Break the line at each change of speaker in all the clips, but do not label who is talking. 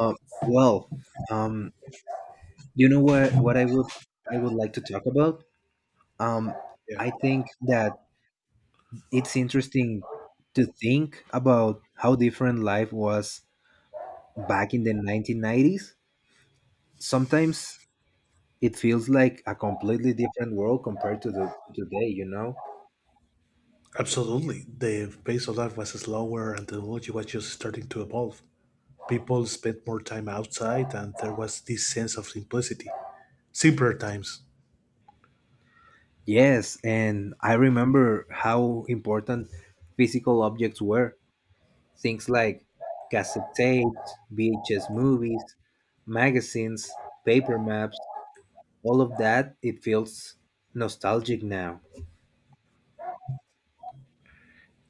Um, well, um, you know what? What I would like to talk about. Um,
Yeah,
I think that it's interesting to think about how different life was back in the 1990s. Sometimes it feels like a completely different world compared to the to today. You know?
absolutely. The pace of life was slower and technology was just starting to evolve. People spent more time outside and there was this sense of simplicity. Simpler times.
Yes, and I remember how important physical objects were. Things like cassette tapes, VHS movies, magazines, paper maps, all of that, it feels nostalgic now.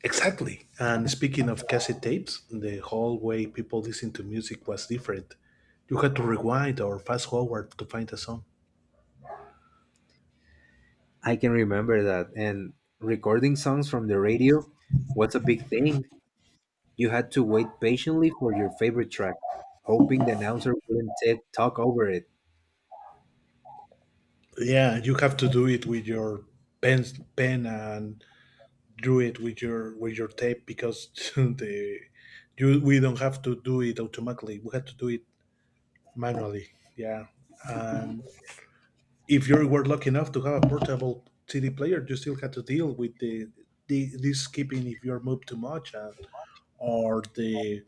Exactly. And speaking of cassette tapes, the whole way people listened to music was different. You had to rewind or fast forward to find a song.
I can remember that. And recording songs from the radio was a big thing. You had to wait patiently for your favorite track, hoping the announcer wouldn't talk over it.
Yeah, you have to do it with your pen, pen and do it with your tape because the you we don't have to do it automatically. We had to do it manually. Yeah. And if you were lucky enough to have a portable CD player, you still had to deal with the this skipping if you're moved too much, and, or the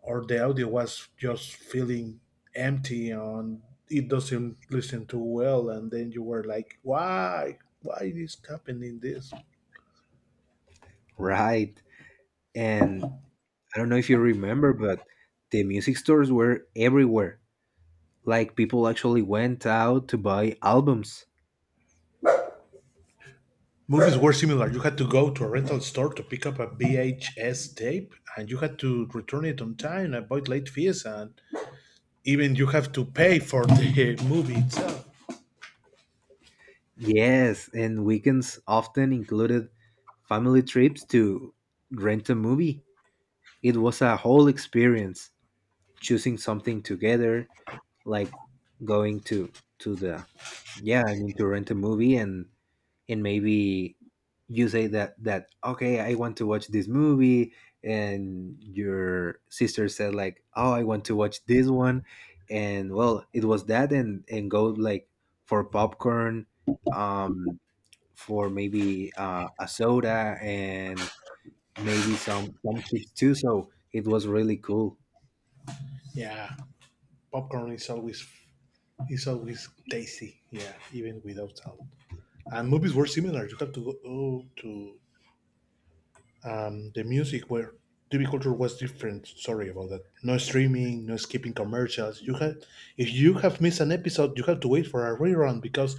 or the audio was just feeling empty and it doesn't listen too well, and then you were like, why? Why is happening this?
Right. And I don't know if you remember, but the music stores were everywhere. Like people actually went out to buy albums.
Movies were similar. You had to go to a rental store to pick up a VHS tape, and you had to return it on time, and avoid late fees, and even you have to pay for the movie itself.
Yes, and weekends often included family trips to rent a movie. It was a whole experience choosing something together, like going to the yeah, I mean, to rent a movie, and maybe you say that okay, I want to watch this movie, and your sister said like, "Oh, I want to watch this one." And well, it was that, and go like for popcorn um for maybe a soda, and maybe some chips too. So it was really cool.
Yeah, popcorn is always tasty. Yeah, even without sound. And movies were similar. You have to go to the music where TV culture was different. Sorry about that. No streaming, no skipping commercials. You had if you have missed an episode, you have to wait for a rerun because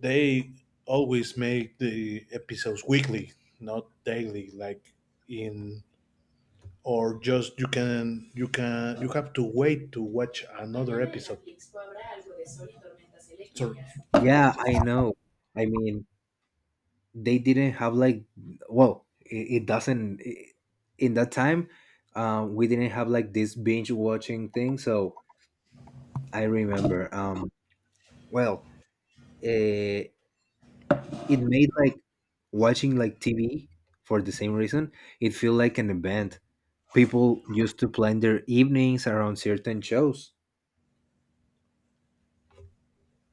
they always make the episodes weekly, not daily, like in or just you have to wait to watch another episode. Sorry.
Yeah, I know. I mean, they didn't have like well, it doesn't I in that time. We didn't have like this binge watching thing. So I remember. Well, eh, it made like watching like TV for the same reason. It feel like an event. People used to plan their evenings around certain shows.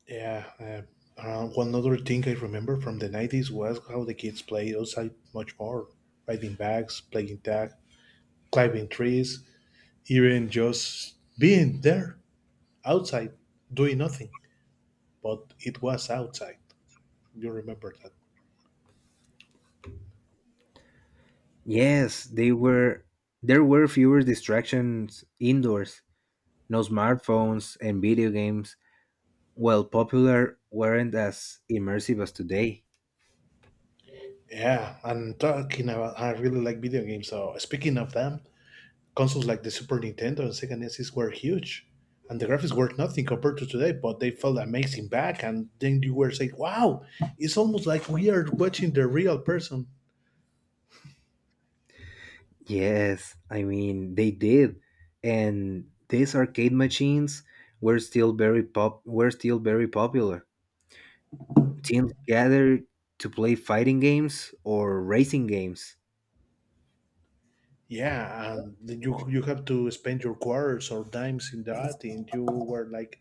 Yeah, one other thing I remember from the 90s was how the kids played outside much more, riding bags, playing tag, climbing trees, even just being there outside, doing nothing. But it was outside. You remember that?
Yes, they were. There were fewer distractions indoors, no smartphones and video games, while popular weren't as immersive as today.
Yeah, and talking about, I really like video games. So speaking of them, consoles like the Super Nintendo and Sega Genesis were huge, and the graphics were nothing compared to today, but they felt amazing back. And then you were saying, "Wow, it's almost like we are watching the real person."
Yes, I mean they did, and these arcade machines were still very popular. Teams gathered to play fighting games or racing games.
Yeah, and then you have to spend your quarters or dimes in that, and you were like,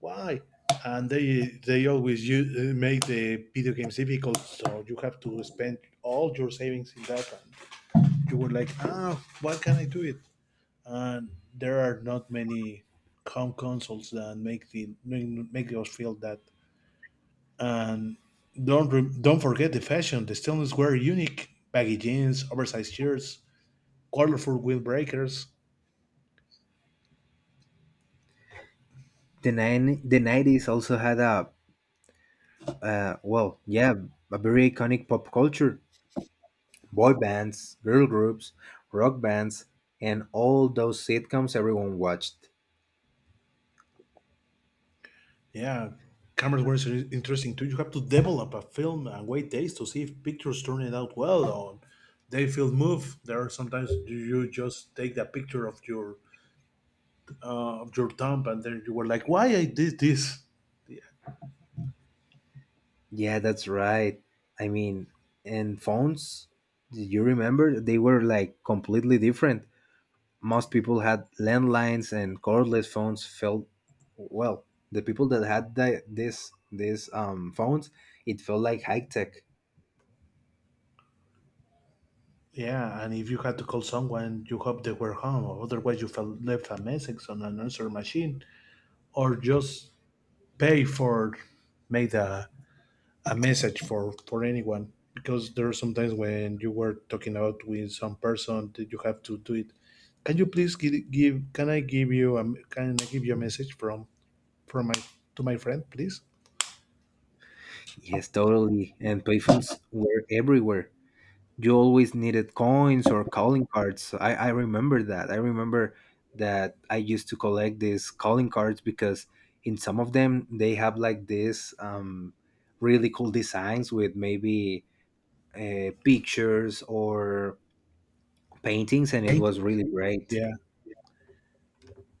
"Why?" And they always use, make the video games difficult, so you have to spend all your savings in that. And you were like, "Ah, why can't I do it?" And there are not many home consoles that make the make us feel that. And don't forget the fashion. The stainless wear unique baggy jeans, oversized shirts, colorful wheel breakers.
The nineties also had uh, well, yeah, a very iconic pop culture. Boy bands, girl groups, rock bands, and all those sitcoms everyone watched.
Yeah, cameras were interesting too. You have to develop a film and wait days to see if pictures turn it out well or they feel move. There are sometimes you just take the picture of your thumb and then you were like, why I did this?
Yeah, that's right. I mean, and phones, do you remember? They were like completely different. Most people had landlines, and cordless phones felt, well, the people that had the, this phones, it felt like high tech.
Yeah, and if you had to call someone, you hope they were home, or otherwise you felt left a message on an answer machine, or just pay for made a message for anyone. Because there are sometimes when you were talking about with some person that you have to do it. Can you please give can I give you a message from my to my friend, please?
Yes, totally. And payphones were everywhere. You always needed coins or calling cards. So, I remember that. I remember that I used to collect these calling cards because in some of them they have like this really cool designs with maybe pictures or paintings, and it was
Paintings.
really great.
Yeah,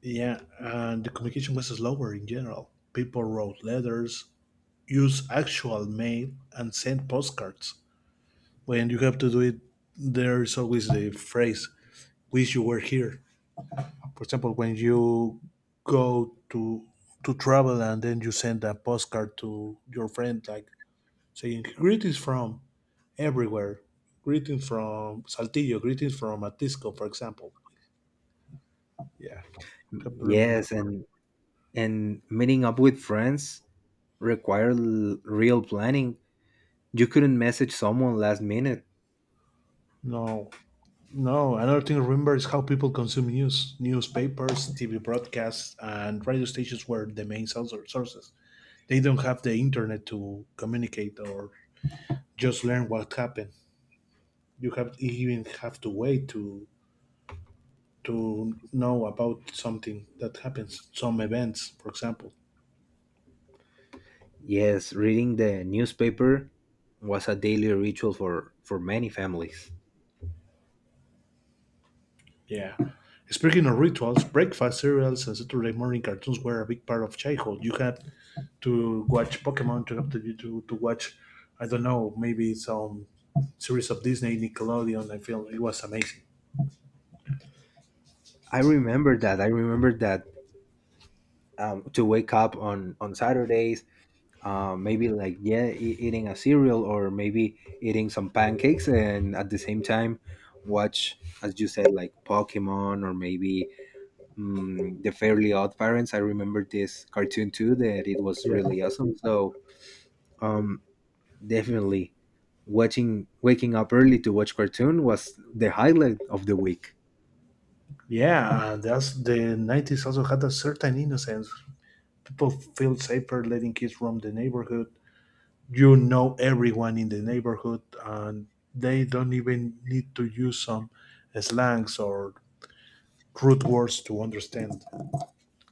yeah, and the communication was slower in general. People wrote letters, use actual mail and send postcards. When you have to do it, there's always the phrase "wish you were here." For example, when you go to travel and then you send a postcard to your friend, like saying greetings from everywhere, greetings from Saltillo, greetings from Atisco, for example. Yeah, have to remember.
Yes, and meeting up with friends required real planning. You couldn't message someone last minute.
No, no, another thing to remember is how people consume news. Newspapers, TV broadcasts, and radio stations were the main sources. They don't have the internet to communicate or just learn what happened. You even have to wait to know about something that happens, some events, for example.
Yes, reading the newspaper was a daily ritual for many families.
Yeah. Speaking of rituals, breakfast cereals and Saturday morning cartoons were a big part of childhood. You had to watch Pokemon to have to watch, I don't know, maybe some series of Disney, Nickelodeon. I feel it was amazing.
I remember that. I remember that to wake up on Saturdays, maybe like, yeah, eating a cereal or maybe eating some pancakes, and at the same time watch, as you said, like Pokemon or maybe the Fairly Odd Parents. I remember this cartoon too that it was
Yeah,
really awesome. So. Um, Definitely. Watching Waking up early to watch cartoon was the highlight of the week.
yeah. and That's the 90s also had a certain innocence. People feel safer letting kids roam the neighborhood. You know everyone in the neighborhood, and they don't even need to use some slangs or crude words to understand.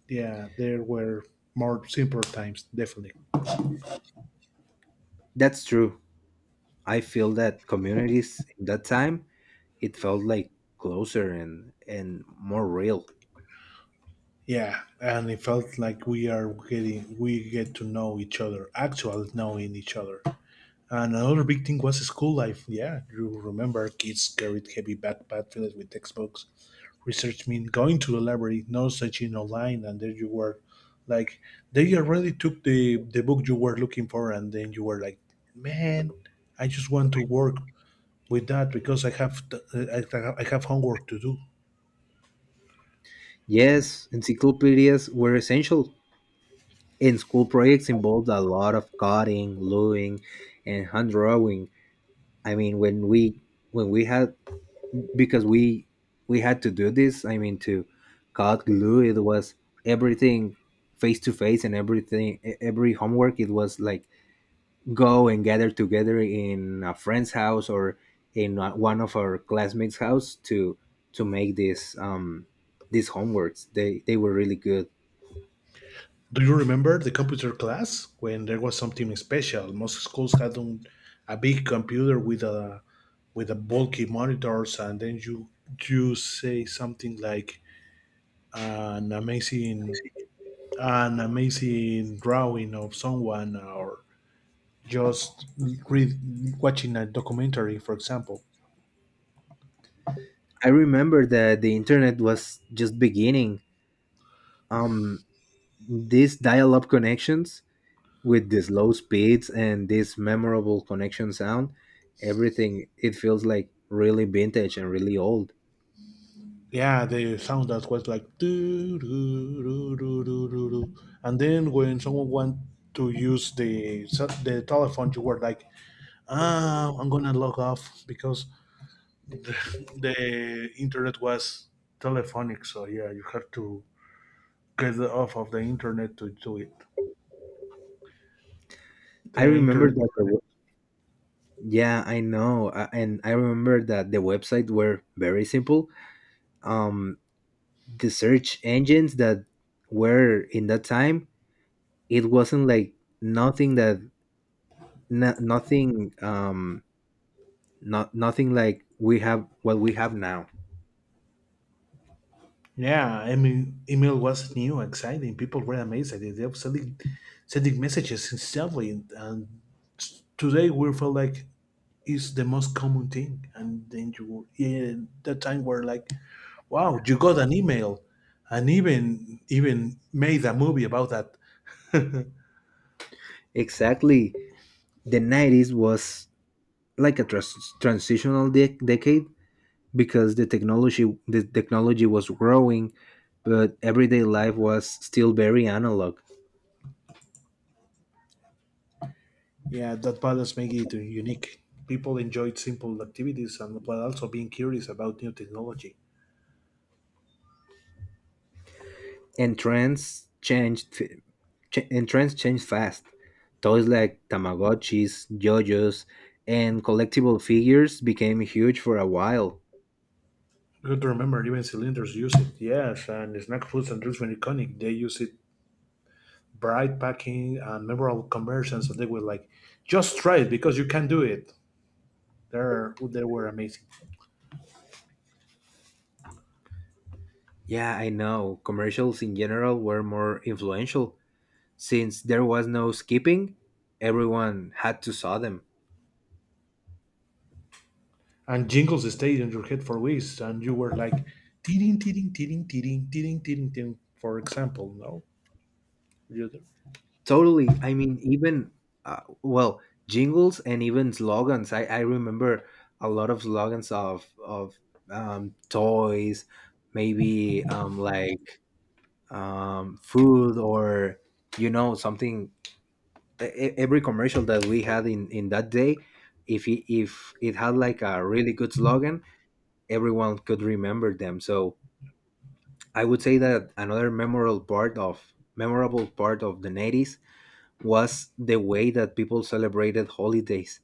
Yeah, there were more simpler times, definitely.
That's true. I feel that communities in that time it felt like closer and more real.
Yeah, and it felt like we get to know each other, actual knowing each other. And another big thing was school life. Yeah, you remember kids carried heavy backpacks filled with textbooks. Research mean going to the library, no searching online, and there you were, like they already took the book you were looking for, and then you were like, man, I just want to work with that because I have homework to do.
Yes, encyclopedias were essential. And school projects involved a lot of cutting, gluing, and hand drawing. I mean, when we had, because we had to do this, I mean, to cut glue, it was everything face to face, and everything every homework it was like go and gather together in a friend's house or in one of our classmates house to make this these homeworks. They were really good.
Do you remember the computer class when there was something special? Most schools had a big computer with a bulky monitors, and then you say something like an amazing an amazing drawing of someone, or just read watching a documentary, for example.
I remember that the internet was just beginning. um these dial-up connections with these low speeds and this memorable connection sound, everything it feels like really vintage and really old.
Yeah, the sound that was like doo doo doo doo doo doo, doo. And then when someone want to use the telephone, you were like, I'm gonna log off because the, the internet was telephonic. So yeah, you have to get off of the internet to do it.
I
The
remember
internet is
that
connected.
yeah, I know, and I remember that the website were very simple. Um, the search engines that were in that time, it wasn't like nothing that, no, nothing, not nothing like we have what we have now.
Yeah, I mean, email was new, exciting. People were amazed at it. They were sending messages instantly, and today we feel like it's the most common thing. And then you, yeah, that time we're like, wow, you got an email, and even made a movie about that.
Exactly, the nineties was like a transitional decade because the technology was growing, but everyday life was still very analog.
Yeah, that balance makes it unique. People enjoyed simple activities and while also being curious about new technology.
And trends changed. And trends changed fast. Toys like Tamagotchis, JoJo's, and collectible figures became huge for a while.
Good to remember, even cylinders use it. Yes, and snack foods and drinks were iconic. They use it bright packing and memorable conversions, and they were like, "Just try it because you can do it." There, they were amazing.
Yeah, I know. Commercials in general were more influential since there was no skipping. Everyone had to saw them.
And jingles stayed in your head for weeks, and you were like, "Tiring, tiring, tiring, tiring, tiring, tiring, tiring." For example, no. You-
Totally. I mean, even uh, well, jingles and even slogans. I remember a lot of slogans of toys, maybe, like food, or, you know, something. Every commercial that we had in that day, if it had like a really good slogan, everyone could remember them. So I would say that another memorable part of the 90s was the way that people celebrated holidays.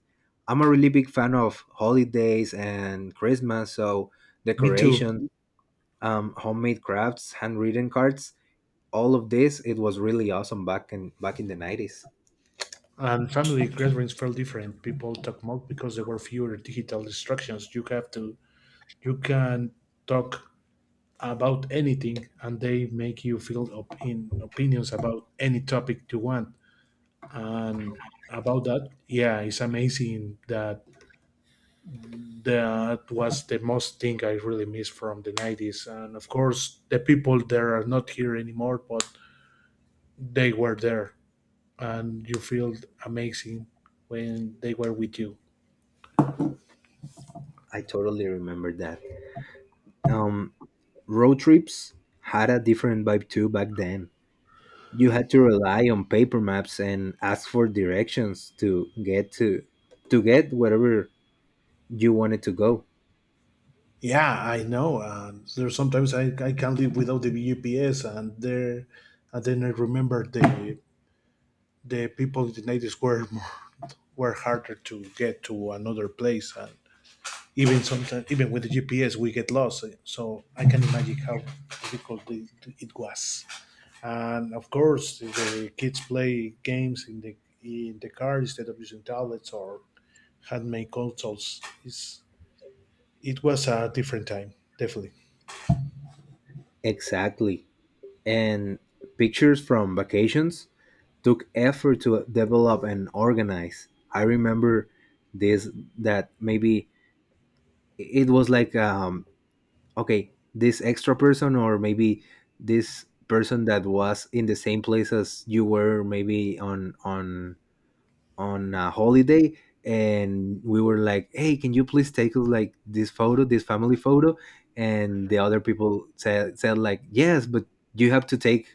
I'm a really big fan of holidays and Christmas, so
Me too.
decoration, homemade crafts, handwritten cards, all of this. It was really awesome back in the nineties.
And family gatherings felt different. People talk more because there were fewer digital distractions. You have to, you can talk about anything, and they make you fill up in opinions about any topic you want. And about that, yeah, it's amazing that that was the most thing I really miss from the 90s. And of course, the people there are not here anymore, but they were there, and you feel amazing when they were with you.
I totally remember that. Um, Road trips had a different vibe too back then. You had to rely on paper maps and ask for directions to get wherever you wanted to go.
Yeah, I know. There's sometimes I can't live without the UPS, and then I remember the people in the 90s were more, were harder to get to another place, and even sometimes even with the GPS we get lost. So I can imagine how difficult it was. And of course, the kids play games in the car instead of using tablets or handmade consoles. It was a different time, definitely.
Exactly. And pictures from vacations took effort to develop and organize. I remember this that maybe it was like okay, this extra person, or maybe this person that was in the same place as you were, maybe on a holiday, and we were like, hey, can you please take us like this photo, this family photo, and the other people said like, yes, but you have to take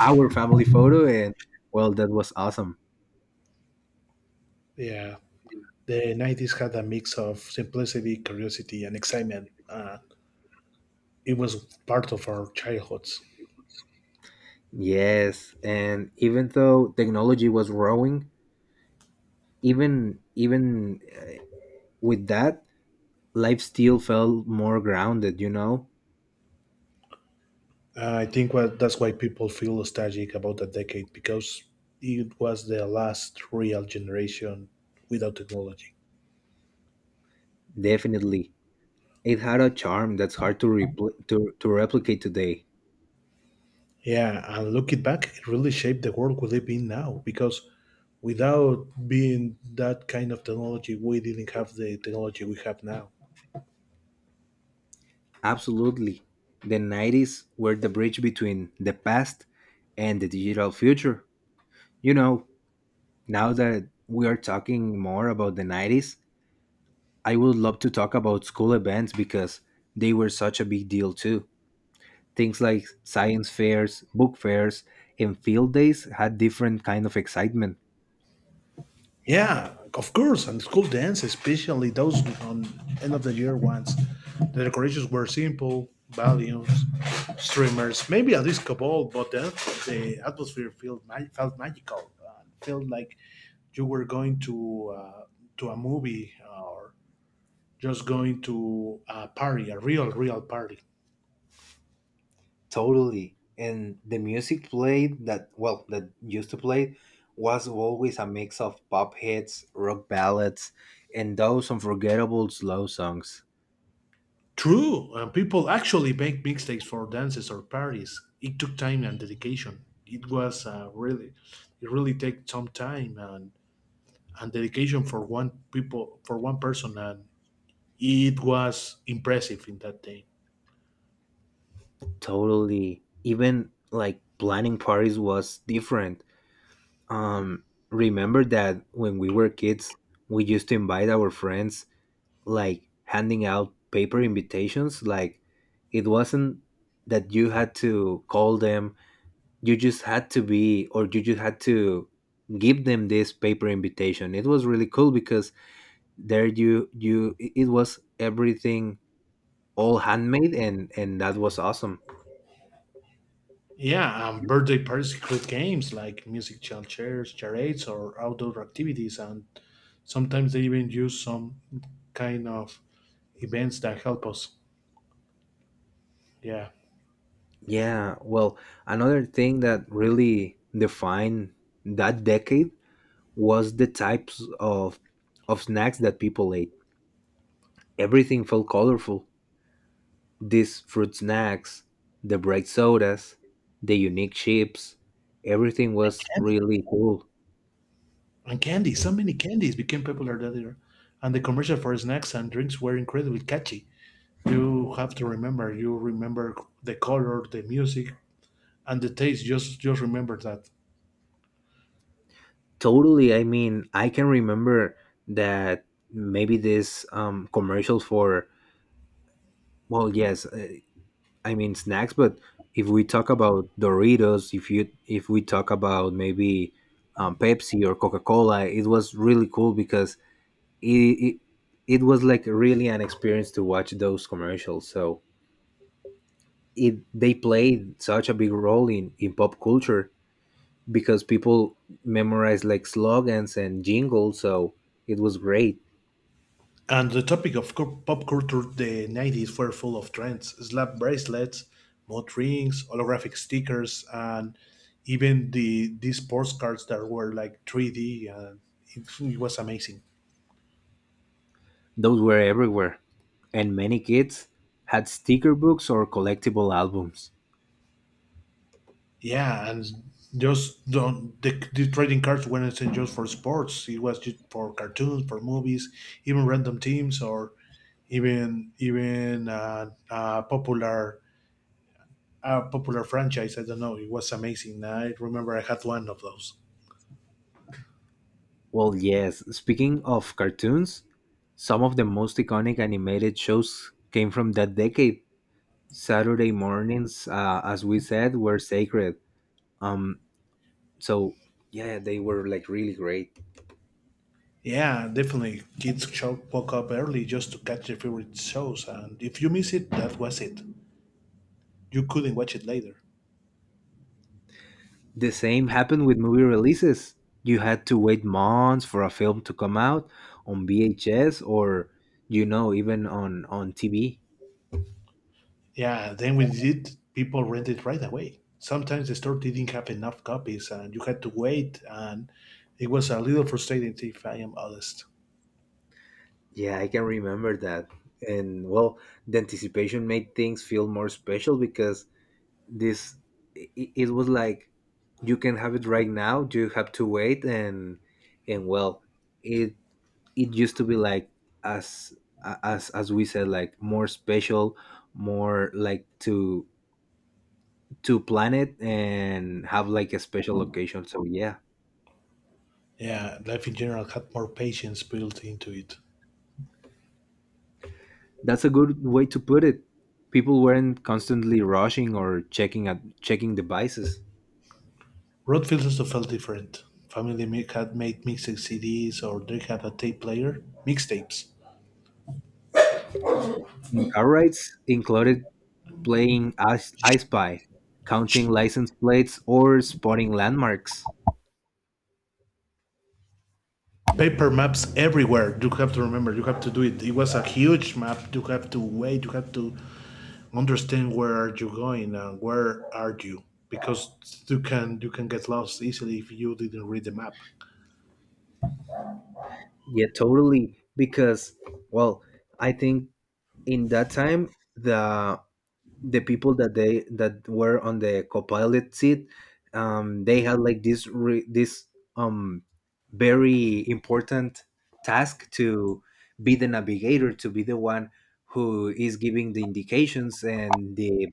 our family photo. And well, that was awesome.
Yeah. The 90s had a mix of simplicity, curiosity, and excitement. It was part of our childhoods.
Yes, and even though technology was growing, even with that, life still felt more grounded, you know.
I think that's why people feel nostalgic about that decade because it was the last real generation without technology.
Definitely. It had a charm that's hard to replicate today.
Yeah, and looking back, it really shaped the world we live in now because without being that kind of technology, we didn't have the technology we have now.
Absolutely, the 90s were the bridge between the past and the digital future, you know. Now that we are talking more about the 90s, I would love to talk about school events, because they were such a big deal too. Things like science fairs, book fairs, and field days had different kind of excitement.
Yeah, of course, and school dance, especially those on end of the year ones. The decorations were simple, balloons, streamers, maybe a disco ball, but the atmosphere felt magical. Felt like you were going to a movie or just going to a party, a real real party.
Totally. And the music played that well that used to play was always a mix of pop hits, rock ballads, and those unforgettable slow songs.
True, and people actually make mixtapes for dances or parties. It took time and dedication. It was uh, really it really took some time and dedication for one people for one person, and it was impressive in that day.
Totally. Even like planning parties was different. Um, Remember that when we were kids, we used to invite our friends, like handing out paper invitations. Like it wasn't that you had to call them, you just had to be, or you just had to give them this paper invitation. It was really cool because there, it was everything all handmade, and that was awesome.
Yeah, and birthday parties include games like music child chairs, charades, or outdoor activities, and sometimes they even use some kind of events that help us. Yeah,
Yeah, well, another thing that really defined that decade was the types of snacks that people ate. Everything felt colorful. These fruit snacks, the bright sodas, the unique chips, everything was
candy
really cool.
and candy. So many candies became popular that year, and the commercial for snacks and drinks were incredibly catchy. You have to remember. You remember the color, the music, and the taste. Just remember that.
Totally, I mean, I can remember that maybe this commercials for, well, yes, I mean, snacks, but if we talk about Doritos, if we talk about maybe, Pepsi or Coca Cola, it was really cool because it, it it was like really an experience to watch those commercials. So it they played such a big role in pop culture because people memorized like slogans and jingles. So it was great.
And the topic of pop culture, the 90s were full of trends slap bracelets, mud rings, holographic stickers, and even these sports cards that were like 3D. And it, it was amazing.
Those were everywhere, and many kids had sticker books or collectible albums.
Yeah, and just don't, the trading cards weren't just for sports, it was just for cartoons, for movies, even random teams, or even even popular. A popular franchise, I don't know. It was amazing. I remember I had one of those.
Well, yes. Speaking of cartoons, some of the most iconic animated shows came from that decade. Saturday mornings, as we said, were sacred. Um, So yeah, they were like really great.
Yeah, definitely. Kids show woke up early just to catch their favorite shows, and if you miss it, that was it. You couldn't watch it later.
The same happened with movie releases. You had to wait months for a film to come out on VHS, or, you know, even on TV.
Yeah, then we did. People rented right away. Sometimes the store didn't have enough copies, and you had to wait, and it was a little frustrating, if I am honest.
Yeah, I can remember that. And well, the anticipation made things feel more special because this it was like you can have it right now, you have to wait. And it it used to be like as as we said, like more special, more like to plan it and have like a special occasion. So yeah,
Yeah, life in general had more patience built into it.
that's a good way to put it. People weren't constantly rushing or checking devices.
Roadfields also felt different. Family had made mixed CDs, or they had a tape player, mixtapes,
And car rides included playing as I spy, counting license plates, or spotting landmarks.
paper maps everywhere. You have to remember, you have to do it. It was a huge map. You have to wait. You have to understand where are you going and where are you, because you can get lost easily if you didn't read the map.
Yeah, totally, because well, I think in that time, the people that they that were on the copilot seat, they had like this um very important task to be the navigator, to be the one who is giving the indications, and the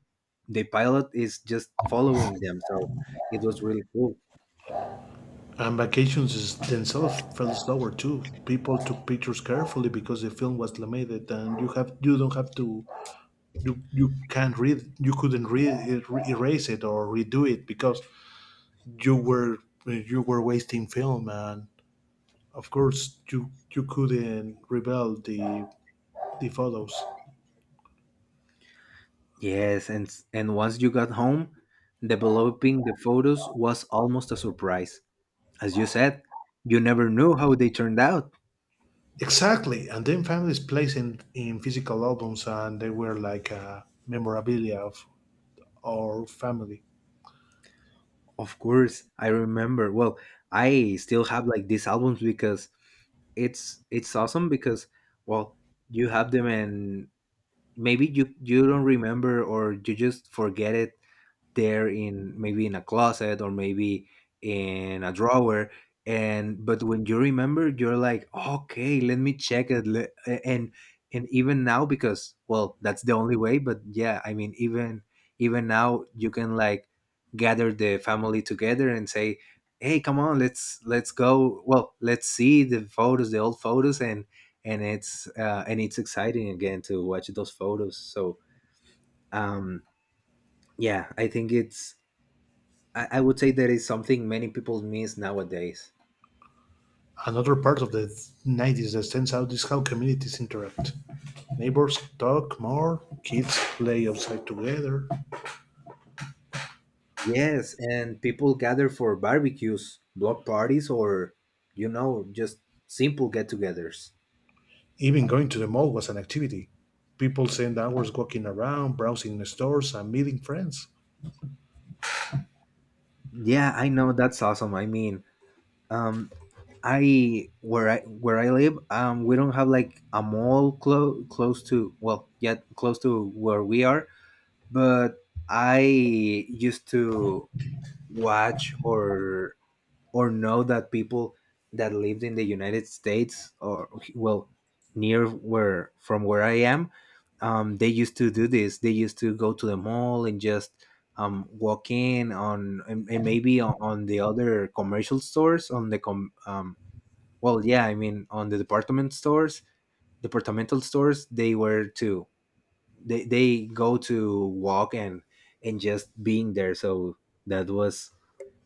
pilot is just following them. So it was really cool.
And vacations is themselves fell slower too. People took pictures carefully because the film was limited, and you have you don't have to you you can't read you couldn't read, erase it or redo it because you were you were wasting film, and of course you couldn't reveal the photos.
Yes, and once you got home, developing the photos was almost a surprise. As you said, you never knew how they turned out.
Exactly, and then families placed in physical albums and they were like a memorabilia of our family.
Of course, I remember. Well, I still have like these albums because it's awesome. Because well, you have them, and maybe you don't remember, or you just forget it there in, maybe in a closet, or maybe in a drawer. And but when you remember, you're like, okay, let me check it. and and even now, because well, that's the only way. But yeah, I mean, even even now you can like gather the family together and say, hey, come on, let's go well let's see the photos, the old photos. And and it's exciting again to watch those photos. So um yeah, I think it's, I would say that is something many people miss nowadays.
Another part of the 90s that stands out is how communities interact, neighbors talk more, kids play outside together.
Yes, and people gather for barbecues, block parties, or, just simple get togethers.
Even going to the mall was an activity. People spend hours walking around, browsing the stores and meeting friends.
Yeah, I know, that's awesome. I mean, um, I where I where I live, we don't have like a mall close to, well, yet close to where we are. But I used to watch, or know that people that lived in the United States, or well, near where, from where I am, they used to do this. They used to go to the mall and just walk in on, and maybe on the other commercial stores, on the com well yeah, I mean, on the department stores, departmental stores. They were to they go to walk, and just being there. So that was,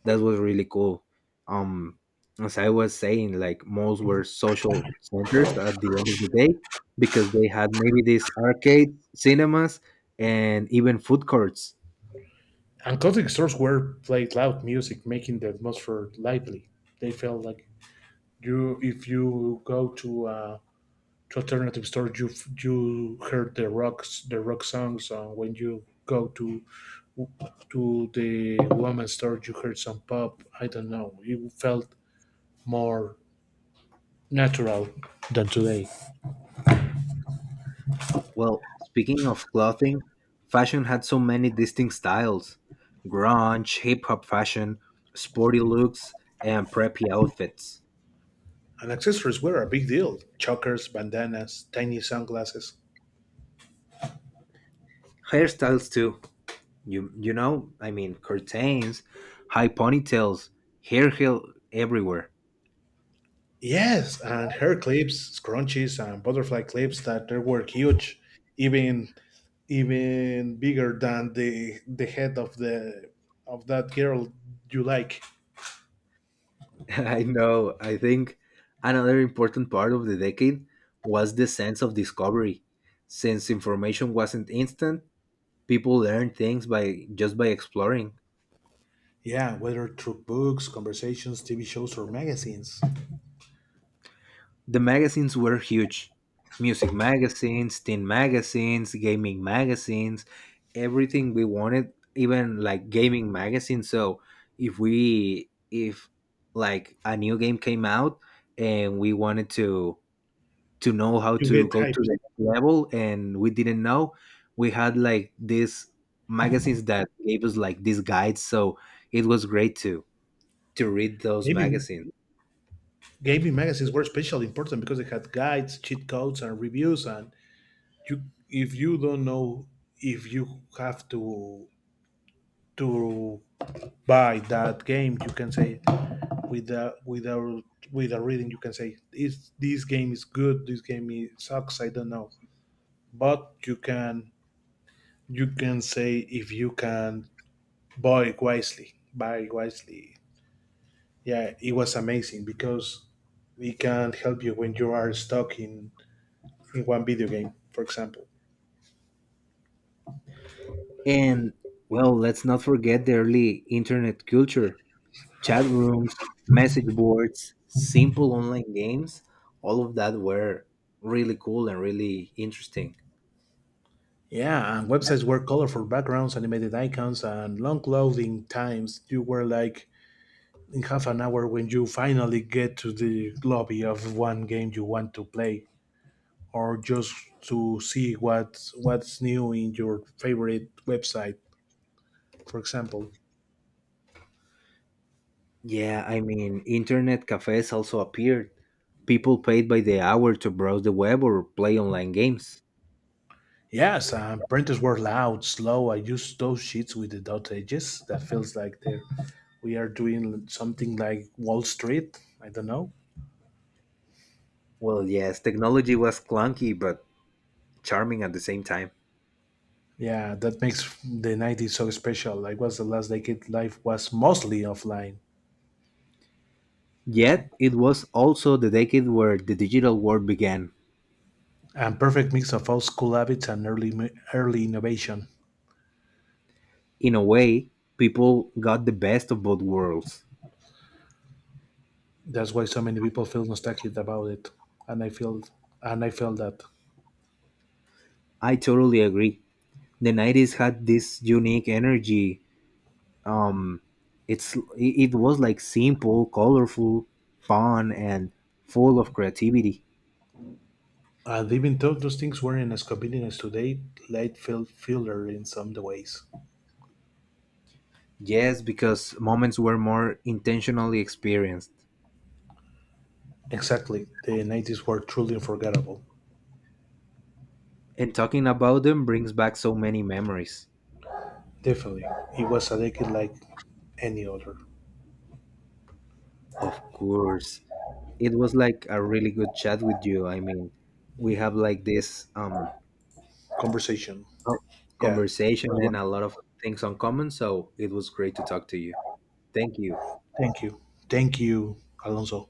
that was really cool. Um, as I was saying, like malls were social centers at the end of the day, because they had maybe these arcades, cinemas, and even food courts.
And concert stores were played loud music, making the atmosphere lively. They felt like you, if you go to alternative stores, you you heard the rock songs. When you go to the women's store, you heard some pop. I don't know. It felt more natural than today.
Well, speaking of clothing, fashion had so many distinct styles: grunge, hip hop fashion, sporty looks, and preppy outfits.
And accessories were a big deal: chokers, bandanas, tiny sunglasses.
Hairstyles, too. Curtains, high ponytails, hair heel everywhere.
Yes, and hair clips, scrunchies, and butterfly clips that they were huge, even even bigger than the head of the of that girl you like.
I know. I think another important part of the decade was the sense of discovery. Since information wasn't instant, people learned things by just by exploring.
Yeah, whether through books, conversations, TV shows, or magazines,
The magazines were huge. Music magazines, teen magazines, gaming magazines, everything we wanted, even like gaming magazines. So if like a new game came out, and we wanted to know how
you
to
get
go to
hyped.
the next level, and we didn't know, we had like these magazines that gave us like these guides. So it was great to read those
Gaming
magazines.
gaming magazines were especially important because they had guides, cheat codes, and reviews. And you, if you don't know, if you have to buy that game, you can say with a reading, you can say is this game is good, this game is, sucks, I don't know, but you can say if you can buy wisely, buy wisely. Yeah, it was amazing because it can help you when you are stuck in one video game, for example.
And well, let's not forget the early internet culture: chat rooms, message boards, simple online games. All of that were really cool and really interesting.
Yeah, and websites were colorful backgrounds, animated icons and long loading times. You were like in half an hour when you finally get to the lobby of one game you want to play, or just to see what's new in your favorite website, for example.
Yeah, I mean, internet cafes also appeared. People paid by the hour to browse the web or play online games.
Yes, printers were loud, slow. I use those sheets with the dot edges. That feels like they're, we are doing something like Wall Street. I don't know.
Well, yes, technology was clunky but charming at the same time.
Yeah, that makes the 90s so special. Like, was the last decade life was mostly offline.
Yet, it was also the decade where the digital world began.
And perfect mix of old school habits and early innovation.
In a way, people got the best of both worlds.
That's why so many people feel nostalgic about it. And I felt that.
I totally agree. The 90s had this unique energy. Um, it was like simple, colorful, fun, and full of creativity.
And even though those things weren't as convenient as today, life felt fuller in some ways.
Yes, because moments were more intentionally experienced.
Exactly. The 90s were truly unforgettable.
And talking about them brings back so many memories.
Definitely. It was a decade like any other.
Of course. It was like a really good chat with you. I mean, we have like this
Conversation.
uh,
Yeah. It
conversation
was
and a
wonderful.
lot of things on common, so it was great to talk to you. Thank you.
Thank you. Thank you, Alonso.